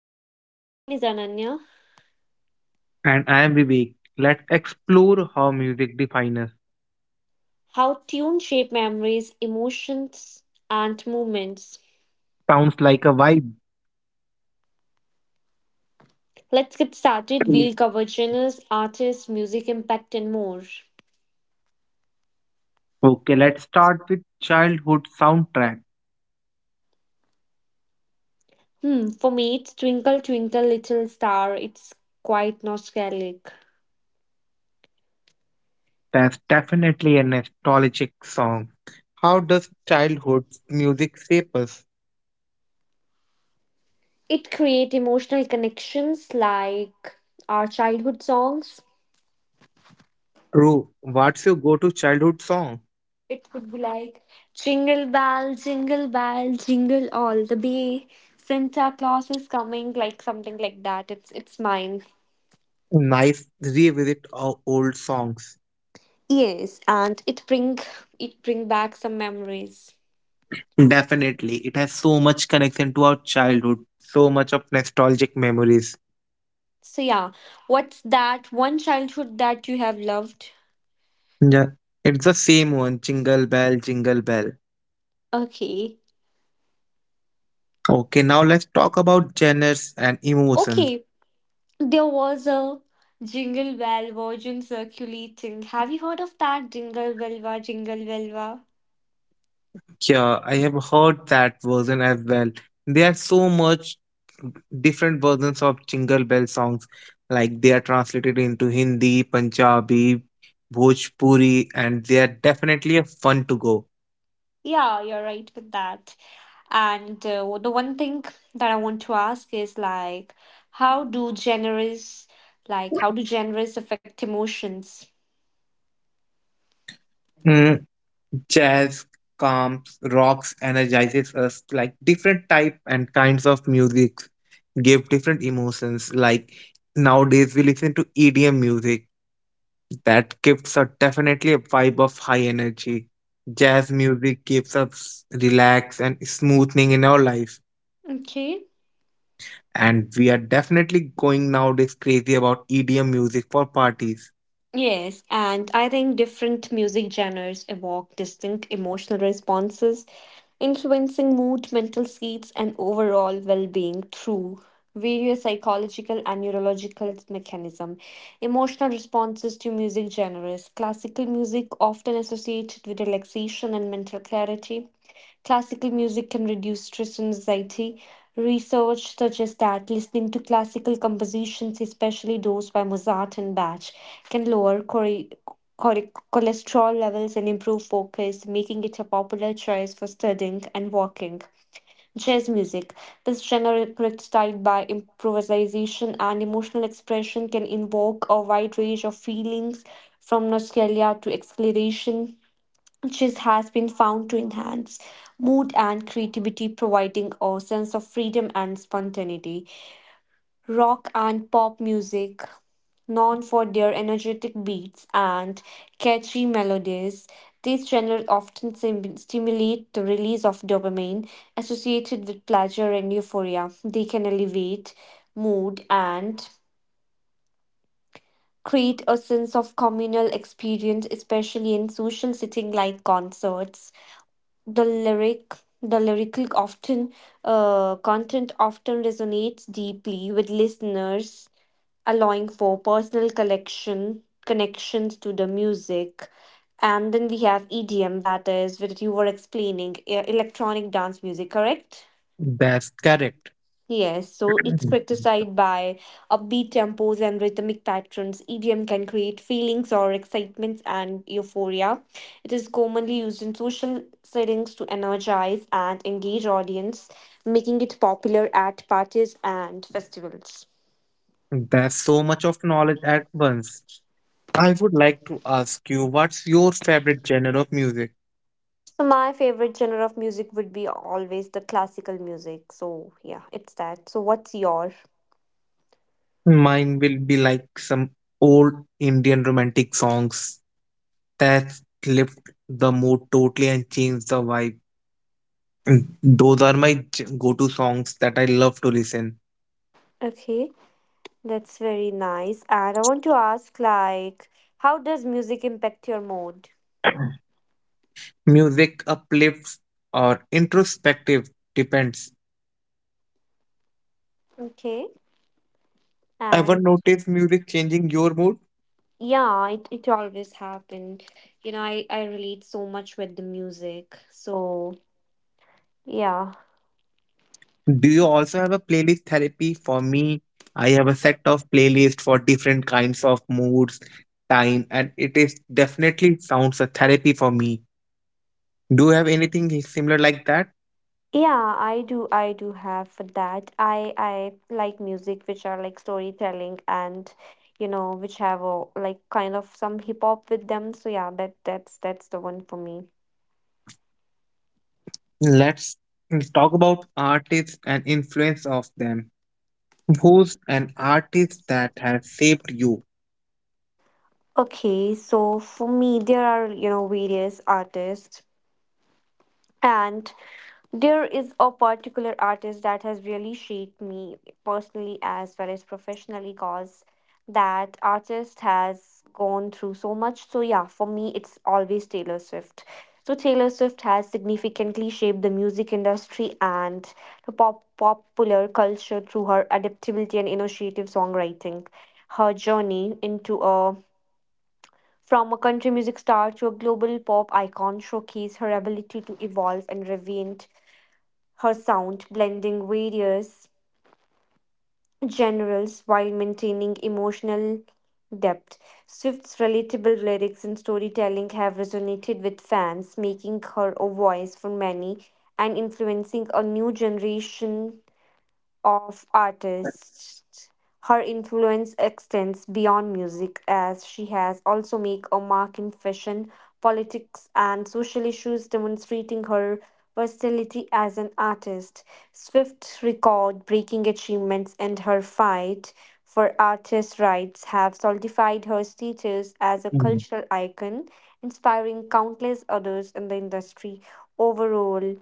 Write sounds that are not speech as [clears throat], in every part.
Us. My name is Ananya. And I am Vivek. Let's explore how music defines us. How tunes shape memories, emotions, and movements. Sounds like a vibe. Let's get started. We'll cover genres, artists, music impact, and more. Okay, let's start with childhood soundtrack. Hmm, for me, it's Twinkle Twinkle Little Star. It's quite nostalgic. That's definitely a nostalgic song. How does childhood music shape us? It creates emotional connections like our childhood songs. Ru, what's your go-to childhood song? It could be like Jingle Bell, Jingle Bell, Jingle All the Way. Santa Claus is coming, like something like that. It's mine. Nice revisit of old songs. Yes, and it bring back some memories. Definitely, it has so much connection to our childhood, so much of nostalgic memories. So yeah, what's that one childhood that you have loved? Yeah, it's the same one. Jingle bell, jingle bell. Okay. Okay, now let's talk about genres and emotions. Okay, there was a Jingle Bell version circulating. Have you heard of that? Jingle Belva, Jingle Belva. Yeah, I have heard that version as well. There are so much different versions of Jingle Bell songs, like they are translated into Hindi, Punjabi, Bhojpuri, and they are definitely a fun to go. Yeah, you're right with that. And the one thing that I want to ask is like, how do genres, like, how do genres affect emotions? Mm, jazz calms, rocks, energizes us. Like different type and kinds of music give different emotions. Like nowadays we listen to EDM music. That gives a definitely a vibe of high energy. Jazz music gives us relax and smoothing in our life. Okay. And we are definitely going nowadays crazy about EDM music for parties. Yes, and I think different music genres evoke distinct emotional responses, influencing mood, mental states, and overall well-being through various psychological and neurological mechanisms. Emotional responses to music genres. Classical music often associated with relaxation and mental clarity. Classical music can reduce stress and anxiety. Research suggests that listening to classical compositions, especially those by Mozart and Bach, can lower cholesterol levels and improve focus, making it a popular choice for studying and walking. Jazz music. This genre, characterized by improvisation and emotional expression, can invoke a wide range of feelings from nostalgia to exhilaration. Chess has been found to enhance mood and creativity, providing a sense of freedom and spontaneity. Rock and pop music, known for their energetic beats and catchy melodies, these genres often stimulate the release of dopamine associated with pleasure and euphoria. They can elevate mood and create a sense of communal experience, especially in social setting like concerts. The lyric the lyrical often content often resonates deeply with listeners, allowing for personal collection connections to the music. And then we have EDM, that is what you were explaining, electronic dance music, correct? That's correct. Yes, so it's [clears throat] criticized by upbeat tempos and rhythmic patterns. EDM can create feelings or excitements and euphoria. It is commonly used in social settings to energize and engage audience, making it popular at parties and festivals. That's so much of knowledge at once. I would like to ask you what's your favorite genre of music? So my favorite genre of music would be always the classical music. So yeah, it's that. So what's your? Mine will be like some old Indian romantic songs that lift the mood totally and change the vibe. Those are my go-to songs that I love to listen. Okay, that's very nice. And I want to ask like how does music impact your mood? Music uplifts or introspective, depends. Okay. Ever And notice music changing your mood? yeah, it always happened. You know, I relate so much with the music. So yeah. Do you also have a playlist therapy? For me, I have a set of playlists for different kinds of moods, time, and it is definitely sounds a therapy for me. Do you have anything similar like that? Yeah, I do have for that. I like music which are like storytelling and you know, which have a like kind of some hip hop with them. So yeah, that's the one for me. Let's talk about artists and influence of them. Who's an artist that has shaped you? Okay, so for me there are, you know, various artists. And there is a particular artist that has really shaped me personally as well as professionally because that artist has gone through so much. So, yeah, for me, it's always Taylor Swift. So, Taylor Swift has significantly shaped the music industry and the popular culture through her adaptability and innovative songwriting. Her journey into a from a country music star to a global pop icon showcased her ability to evolve and reinvent her sound, blending various genres while maintaining emotional depth. Swift's relatable lyrics and storytelling have resonated with fans, making her a voice for many and influencing a new generation of artists. Her influence extends beyond music as she has also made a mark in fashion, politics and social issues, demonstrating her versatility as an artist. Swift's record breaking achievements and her fight for artists' rights have solidified her status as a Mm. cultural icon, inspiring countless others in the industry. Overall,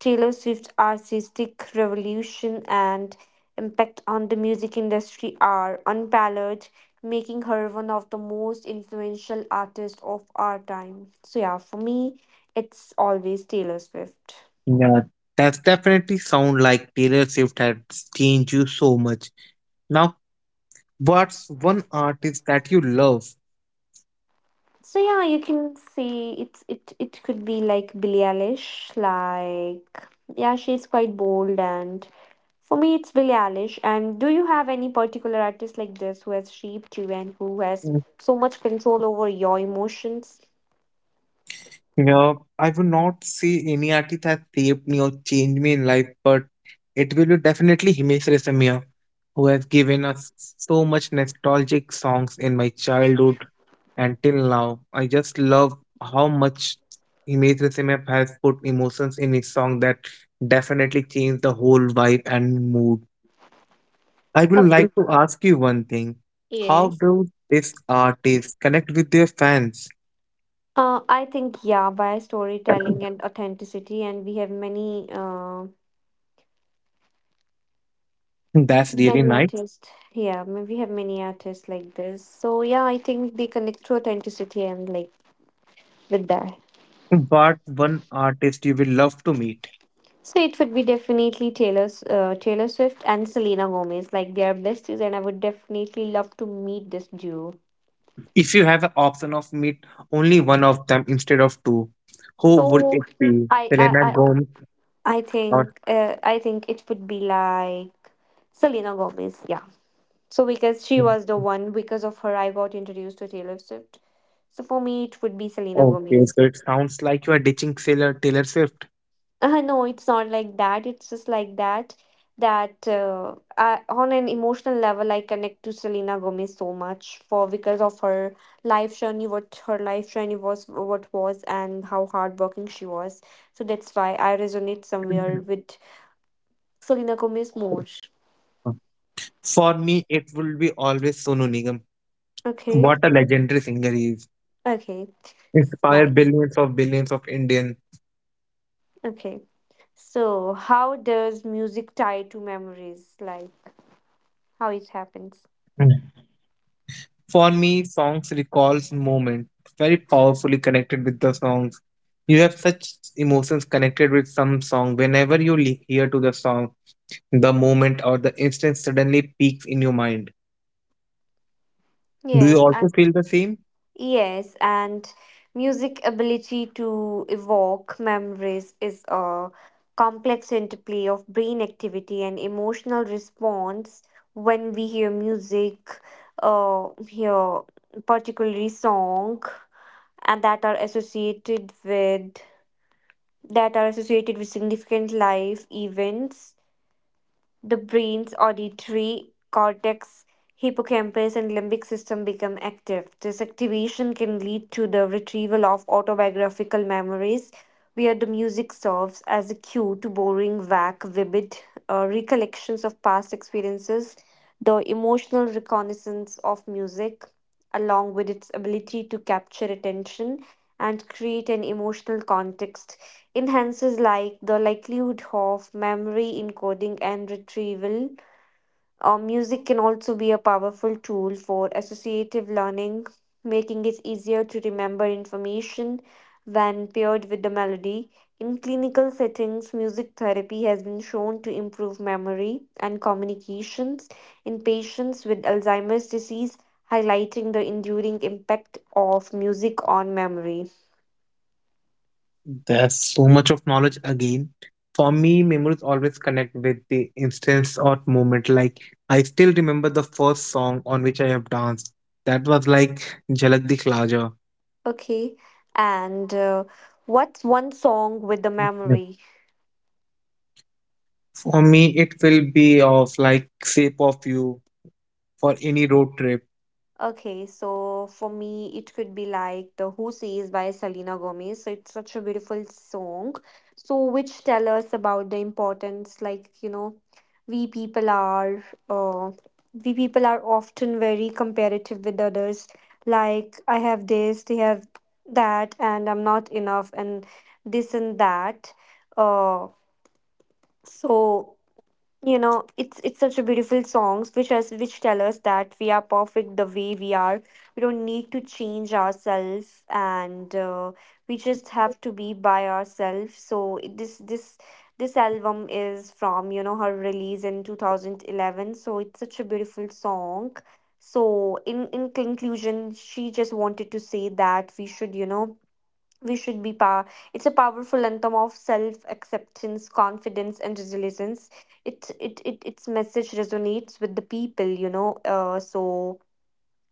Taylor Swift's artistic revolution and impact on the music industry are unparalleled, making her one of the most influential artists of our time. So, yeah, for me, it's always Taylor Swift. Yeah, that's definitely sound like Taylor Swift has changed you so much. Now, what's one artist that you love? So yeah, you can see it could be like Billie Eilish, like yeah, she's quite bold and for me it's Billie Eilish. And do you have any particular artist like this who has shaped you and who has Mm, so much control over your emotions? Yeah, I would not say any artist has saved me or changed me in life, but it will be definitely Himesh Reshammiya, who has given us so much nostalgic songs in my childhood and till now. I just love how much Himesh Resemap has put emotions in his song that definitely changed the whole vibe and mood. I would Uh, like to ask you one thing. How yes. do these artists connect with their fans? I think yeah, by storytelling and authenticity, and we have [laughs] That's really many nice. artists. Yeah, we have many artists like this. So yeah, I think they connect to authenticity and like with that. But one artist you will love to meet. So it would be definitely Taylor Swift and Selena Gomez. Like they are besties, and I would definitely love to meet this duo. If you have an option of meet only one of them instead of two, who would So it be? I, I, Selena I, Gomez or I think it would be like Selena Gomez. Yeah. So because she was the one, because of her, I got introduced to Taylor Swift. So for me, it would be Selena okay? Gomez. So it sounds like you are ditching Taylor Swift. No, it's not like that. It's just like that. I, on an emotional level, I connect to Selena Gomez so much for because of her life journey, what her life journey was, what was, and how hardworking she was. So that's why I resonate somewhere with Selena Gomez more. For me, it will be always Sonu Nigam. What Okay, a legendary singer he is! okay, Inspired nice. Billions of Indians. Okay, so how does music tie to memories? Like how it happens? Mm. For me, songs recalls moment, very powerfully connected with the songs. You have such emotions connected with some song whenever you hear to the song. The moment or the instant suddenly peaks in your mind. Do you Yes, also feel the same? Yes, and music ability to evoke memories is a complex interplay of brain activity and emotional response when we hear music, hear particularly song, and that are associated with significant life events. The brain's auditory cortex, hippocampus, and limbic system become active. This activation can lead to the retrieval of autobiographical memories, where the music serves as a cue to bring back vivid recollections of past experiences. The emotional reconnaissance of music, along with its ability to capture attention and create an emotional context, enhances like the likelihood of memory encoding and retrieval. Music can also be a powerful tool for associative learning, making it easier to remember information when paired with the melody. In clinical settings, music therapy has been shown to improve memory and communications in patients with Alzheimer's disease, highlighting the enduring impact of music on memory. There's so much of knowledge again. For me, memories always connect with the instance or moment. Like, I still remember the first song on which I have danced. That was like Jalak Dikhlaja. Okay. And what's one song with the Yeah. memory? For me, it will be of like Shape of You for any road trip. Okay, so for me, it could be like the Who Says by Selena Gomez. So it's such a beautiful song. So which tell us about the importance, like, you know, we people are, uh, we people are often very comparative with others. Like, I have this, they have that, and I'm not enough, and this and that. Uh, so you know it's such a beautiful songs which us which tell us that we are perfect the way we are, we don't need to change ourselves and we just have to be by ourselves. This album is from, you know, her release in 2011, so it's such a beautiful song. So in conclusion she just wanted to say that we should, you know, we should be power. It's a powerful anthem of self acceptance, confidence and resilience. It its message resonates with the people, you know, so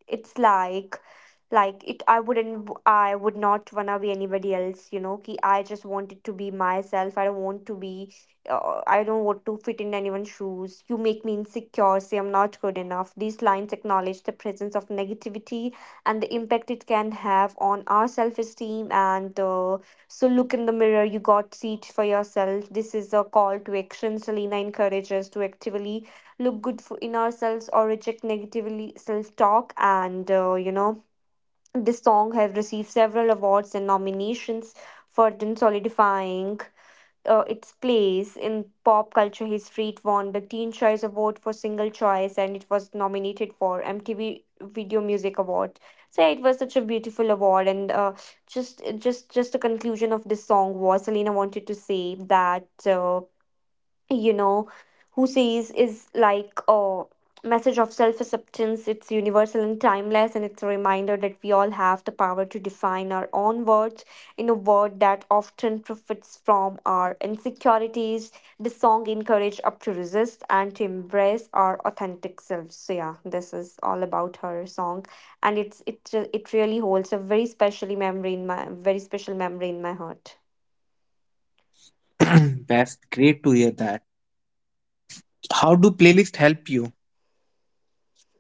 it's like it. I would not, I would not want to be anybody else, you know, ki I just wanted to be myself, I don't want to be, I don't want to fit in anyone's shoes. You make me insecure, say I'm not good enough. These lines acknowledge the presence of negativity and the impact it can have on our self-esteem, and so look in the mirror, you got seat for yourself. This is a call to action. Selena encourages to actively look good for in ourselves or reject negatively self talk and you know, this song have received several awards and nominations for them, solidifying its place in pop culture history. It won the teen choice award for single choice and it was nominated for MTV video music award. So yeah, it was such a beautiful award and just the conclusion of this song was Selena wanted to say that you know, Who Says is like a message of self acceptance. It's universal and timeless, and it's a reminder that we all have the power to define our own words in a world that often profits from our insecurities. The song encourages up to resist and to embrace our authentic selves. So yeah, this is all about her song, and it really holds a very special memory in my heart. [clears throat] That's great to hear that. How do playlists help you?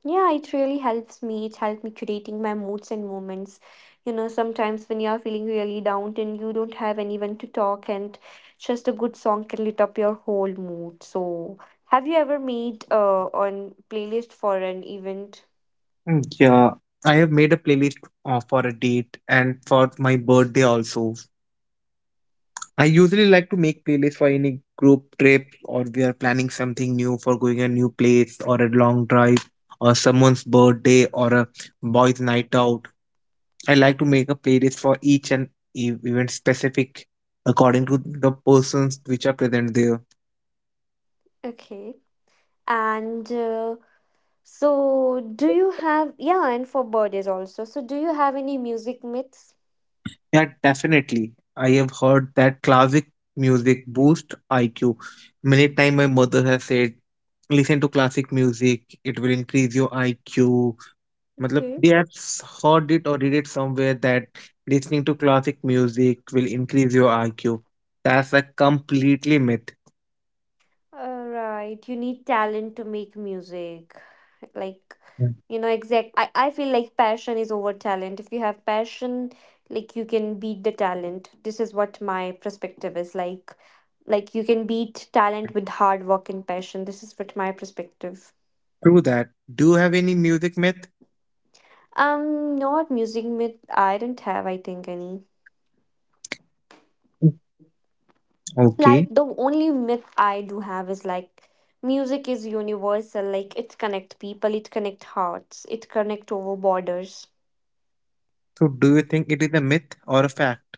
Yeah, it really helps me. It helped me curating my moods and moments. You know, sometimes when you're feeling really down and you don't have anyone to talk, and just a good song can lit up your whole mood. So, have you ever made on playlist for an event? Yeah, I have made a playlist for a date and for my birthday also. I usually like to make playlists for any group trip or we are planning something new for going a new place or a long drive or someone's birthday or a boys' night out. I like to make a playlist for each and event specific according to the persons which are present there. Okay. And so, do you have, yeah, and for birthdays also. So, do you have any music myths? Yeah, definitely. I have heard that classic music boosts IQ. Many times my mother has said, listen to classic music, it will increase your IQ. Matlab, Okay. they have heard it or read it somewhere that listening to classic music will increase your IQ. That's a completely myth. All right, you need talent to make music. Like, Mm. you know, exact. I feel like passion is over talent. If you have passion, like you can beat the talent. This is what my perspective is like. Like you can beat talent with hard work and passion. This is what my perspective. True that. Do you have any music myth? Not music myth. I don't have. I think any. Mm. Like Okay. the only myth I do have is like music is universal. Like it connect people. It connect hearts. It connect over borders. So do you think it is a myth or a fact?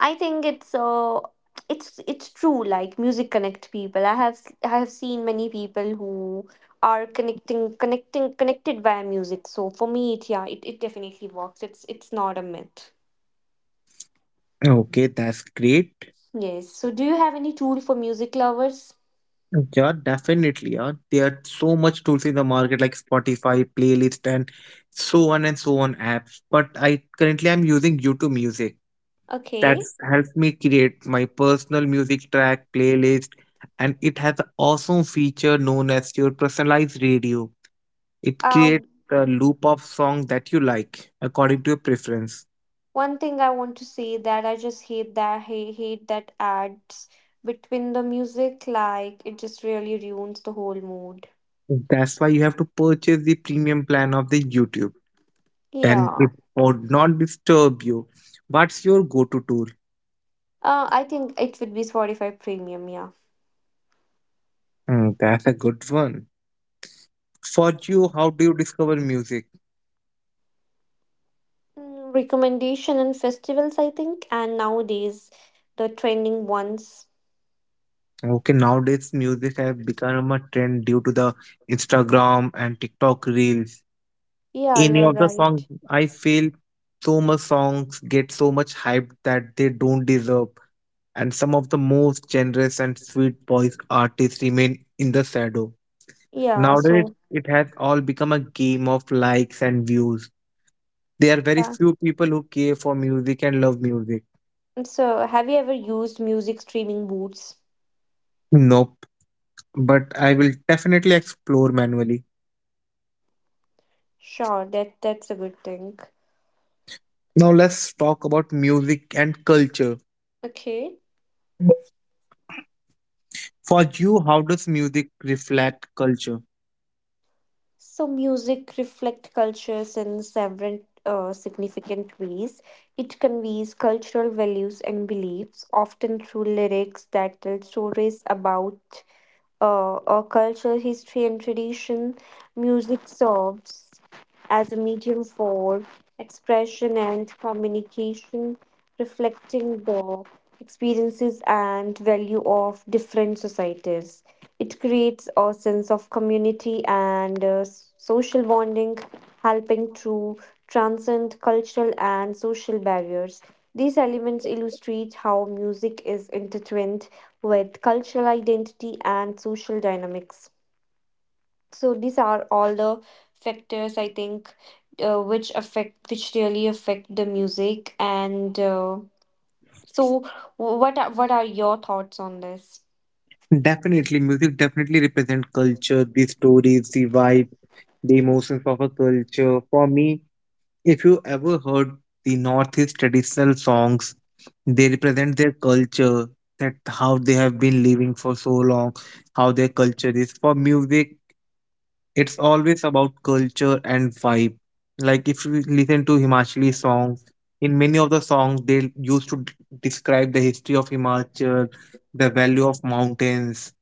I think it's it's true. Like music connect people. I have seen many people who are connecting connecting connected via music. So for me, it yeah, it definitely works. It's not a myth. Okay, that's great. Yes. So do you have any tool for music lovers? Yeah, definitely. Yeah, there are so much tools in the market like Spotify, playlist, and so on apps. But I Currently I'm using YouTube Music. That Okay. helps me create my personal music track playlist, and it has an awesome feature known as your personalized radio. It Uh, creates a loop of songs that you like according to your preference. One thing I want to say that I just hate that ads between the music. Like it just really ruins the whole mood. That's why you have to purchase the premium plan of the YouTube. Then it Yeah. would not disturb you. What's your go-to tool? I think it would be Spotify Premium. Yeah. Mm, that's a good one. For you, how do you discover music? Mm, recommendation and festivals, I think, and nowadays the trending ones. Okay, nowadays music have become a trend due to the Instagram and TikTok reels. Yeah, Any you're of the songs, right. I feel so much songs get so much hype that they don't deserve, and some of the most generous and sweet voice artists remain in the shadow. Yeah, Nowadays, so it has all become a game of likes and views. There are very yeah. few people who care for music and love music. And so, have you ever used music streaming boots? Nope, but I will definitely explore manually. Sure, that's a good thing. Now let's talk about music and culture. Okay. For you, how does music reflect culture? So music reflect cultures in several significant ways. It conveys cultural values and beliefs, often through lyrics that tell stories about or culture, history, and tradition, music serves as a medium for expression and communication, reflecting the experiences and value of different societies. It creates a sense of community and social bonding, helping to transcend cultural and social barriers. These elements illustrate how music is intertwined with cultural identity and social dynamics. So these are all the factors I think which affect which really affect the music and so what are your thoughts on this? Definitely, music definitely represent culture, the stories, the vibe, the emotions of a culture. For me, if you ever heard the Northeast traditional songs, they represent their culture, that how they have been living for so long, how their culture is. For music, it's always about culture and vibe. Like if you listen to Himachali songs, in many of the songs they used to describe the history of Himachal, the value of mountains.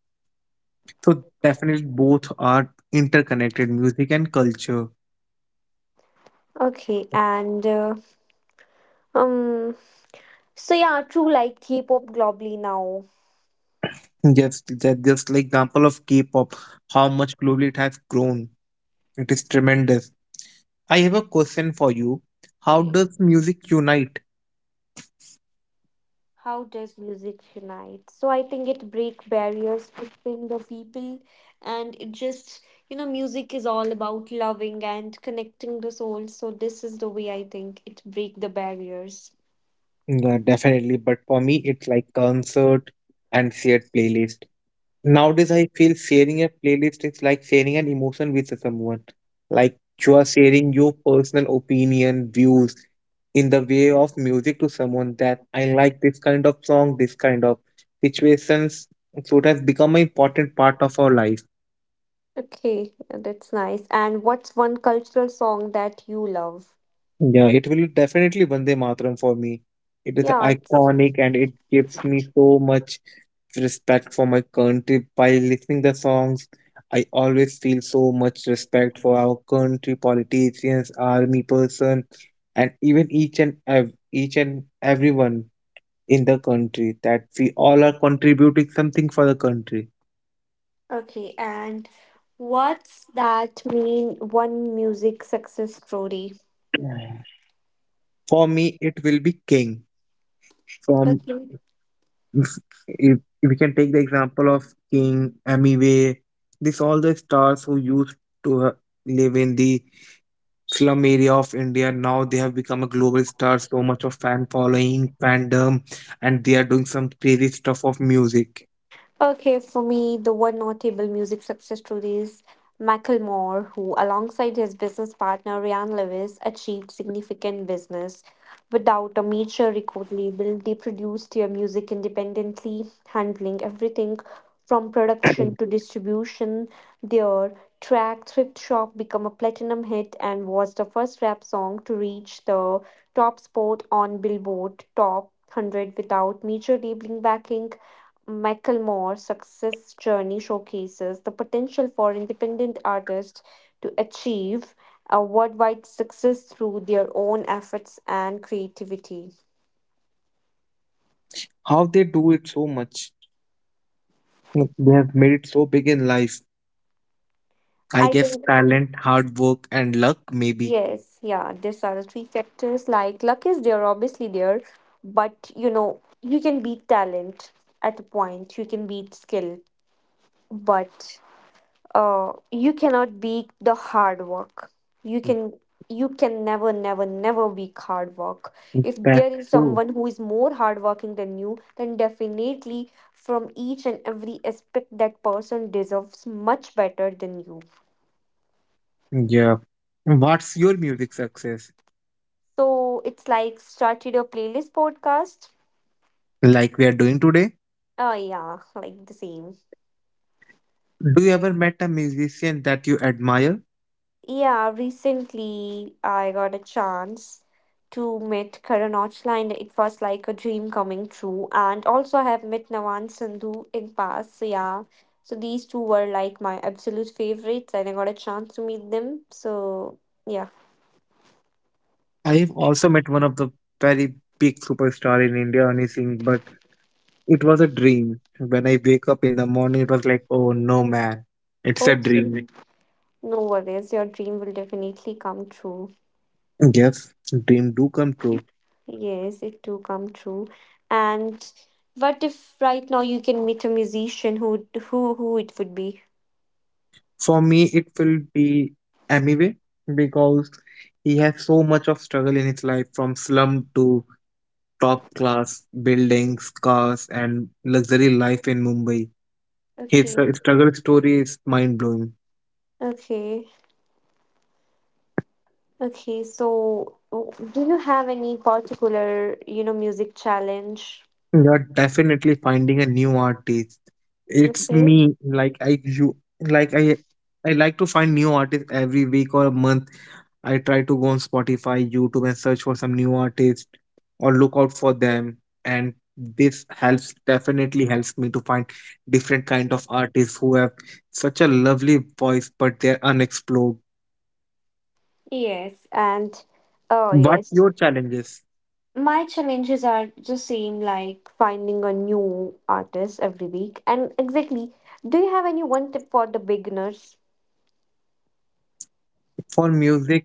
So definitely both are interconnected, music and culture. Okay, and um so yeah, true like K-pop globally now. Just that just like example of K-pop, how much globally it has grown. It is tremendous. I have a question for you. How Yes. does music unite? How does music unite? So I think it break barriers between the people, and it just, you know, music is all about loving and connecting the soul, so this is the way I think it break the barriers. Yeah, definitely. But for me, it's like concert and shared playlist. Nowadays, I feel sharing a playlist is like sharing an emotion with someone. Like you are sharing your personal opinion, views in the way of music to someone that I like this kind of song, this kind of situations. So it has become an important part of our life. Okay, yeah, that's nice, and what's one cultural song that you love? Yeah, it will definitely Vande Mataram for me. It is Yeah, it's iconic and it gives me so much respect for my country. By listening the songs, I always feel so much respect for our country, politicians, army person, and even each and everyone in the country that we all are contributing something for the country. okay, and what's that mean one music success story. For me, it will be King from Okay. if, if if we can take the example of King, Amway, this all the stars who used to live in the slum area of India now they have become a global star. So much of fan following, fandom, and they are doing some crazy stuff of music. Okay, for me, the one notable music success story is Macklemore, who, alongside his business partner Ryan Lewis, achieved significant business. Without a major record label, they produced their music independently, handling everything from production to distribution. Their track Thrift Shop became a platinum hit and was the first rap song to reach the top spot on Billboard Top 100 without major labeling backing. Macklemore's success journey showcases the potential for independent artists to achieve a worldwide success through their own efforts and creativity. How they do it so much? Look, they have made it so big in life. I I guess think talent, hard work, and luck maybe. yes, yeah, these are the three factors. Like luck is there, obviously there, but you know, you can beat talent at a point, you can beat skill, but you cannot be the hard work. you can you can never be hard work. If there That's is true. someone who is more hardworking than you, then definitely from each and every aspect that person deserves much better than you. Yeah. What's your music success? So it's like started a playlist podcast. Like we are doing today? Yeah, like the same. Do you ever met a musician that you admire? Yeah, recently I got a chance to meet Karan Aujla and it was like a dream coming true. And also I have met Navan Sandhu in past. So yeah, so these two were like my absolute favorites and I got a chance to meet them. So yeah, I have also met one of the very big superstar in India, Ani Singh, but it was a dream. When I wake up in the morning, it was like, oh no, man, it's a hope dream. Agree. No worries, your dream will definitely come true. Yes, dream do come true. Yes, it do come true. And what if right now you can meet a musician who it would be? For me, it will be Amiway because he has so much of struggle in his life, from slum to top class buildings, cars, and luxury life in Mumbai. His Okay. Struggle story is mind blowing. Okay. Okay, so do you have any particular, you know, music challenge. You're definitely finding a new artist. It's Okay. me, I like to find new artists every week or a month. I try to go on Spotify, YouTube and search for some new artists or look out for them. And this helps definitely helps me to find different kind of artists who have such a lovely voice but they're unexplored. Yes, and oh What yes, your challenges my challenges are the same, like finding a new artist every week. And exactly, do you have any one tip for the beginners? for music?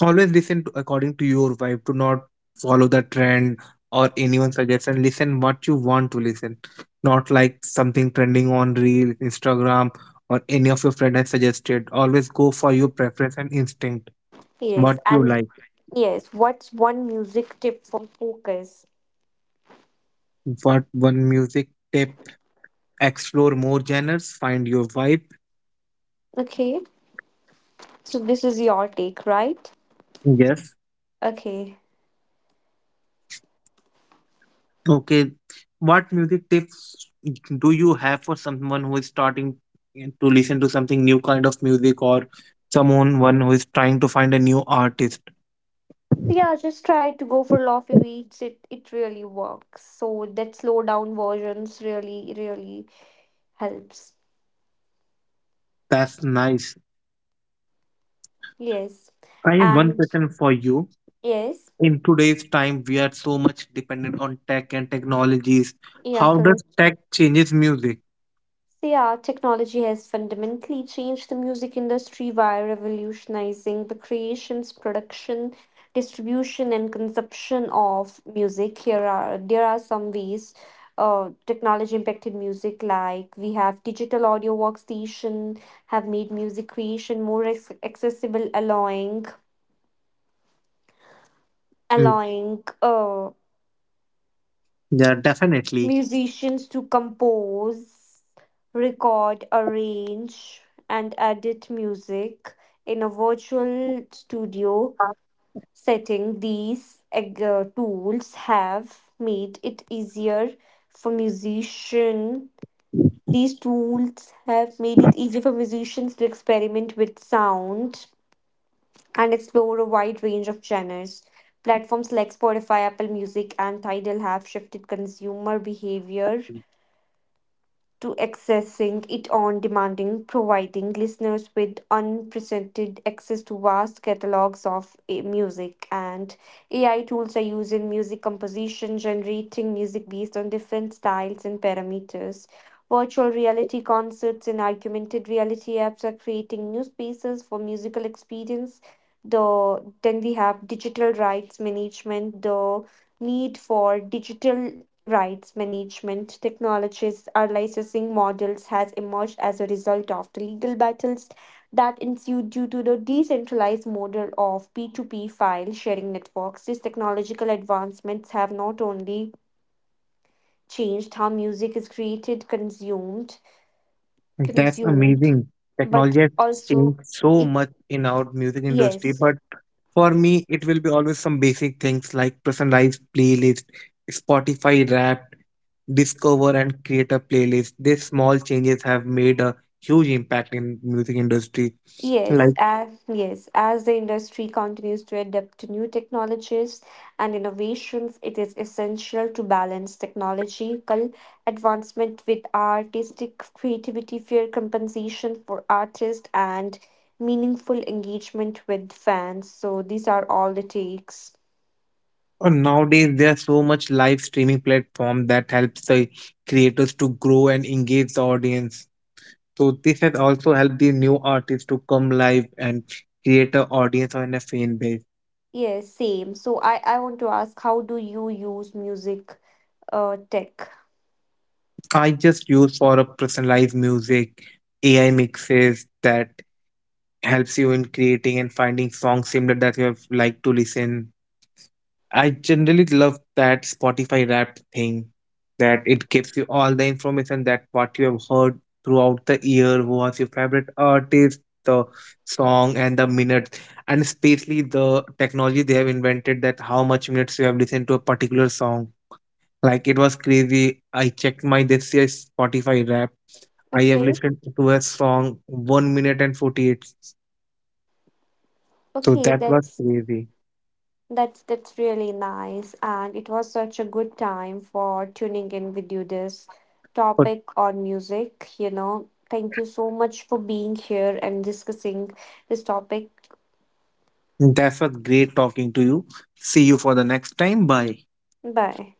Always listen to, according to your vibe. Do not follow the trend or anyone's suggestion. Listen what you want to listen, not like something trending on reels, Instagram, or any of your friend has suggested. Always go for your preference and instinct, Yes, what you and like. yes, what's one music tip for focus? What one music tip? Explore more genres, find your vibe. Okay, so this is your take, right? Yes. Okay. Okay, what music tips do you have for someone who is starting to listen to something new kind of music or someone one who is trying to find a new artist? Yeah, just try to go for Lofty Beats. It really works. So that slow down versions really really helps. That's nice. Yes, I have one and question for you. yes, In today's time, we are so much dependent on tech and technologies. yeah, How does correct. tech changes music? So yeah, technology has fundamentally changed the music industry by revolutionizing the creations, production, distribution, and consumption of music. Here are There are some ways technology impacted music, like we have digital audio workstation, have made music creation accessible, allowing Mm, allowing uh, Yeah, definitely. musicians to compose, record, arrange, and edit music in a virtual studio setting. These tools have made it easier for musician. These tools have made it easier for musicians to experiment with sound and explore a wide range of genres. Platforms like Spotify, Apple Music, and Tidal have shifted consumer behavior to accessing it on demanding, providing listeners with unprecedented access to vast catalogs of music. And AI tools are used in music composition, generating music based on different styles and parameters. Virtual reality concerts and augmented reality apps are creating new spaces for musical experience. Then we have digital rights management, the need for digital rights management technologies or licensing models has emerged as a result of the legal battles that ensued due to the decentralized model of P2P file sharing networks. These technological advancements have not only changed how music is created, consumed, That's consumed, amazing. but Technology has also changed so it much in our music industry, yes. but for me, it will be always some basic things like personalized playlist, Spotify Wrapped, discover and create a playlist. These small changes have made a huge impact in music industry. Yes, Like yes, as the industry continues to adapt to new technologies and innovations, it is essential to balance technological advancement with artistic creativity, fair compensation for artists, and meaningful engagement with fans. So these are all the takes. Nowadays, there's so much live streaming platform that helps the creators to grow and engage the audience. So this has also helped the new artists to come live and create an audience and a fan base. Yes, same. So I want to ask, how do you use music tech? I just use for a personalized music, AI mixes that helps you in creating and finding songs similar that you have liked to listen. I generally love that Spotify Wrapped thing that it gives you all the information that what you have heard throughout the year, who was your favorite artist, the song, and the minutes, and especially the technology they have invented that how much minutes you have listened to a particular song. Like it was crazy. I checked my this year's Spotify Wrap. I have Okay, listened to a song 1 minute and 48. So okay, that was crazy. that's really nice, and it was such a good time for tuning in with you this topic on music. You know, thank you so much for being here and discussing this topic. That was great talking to you. See you for the next time. Bye. Bye.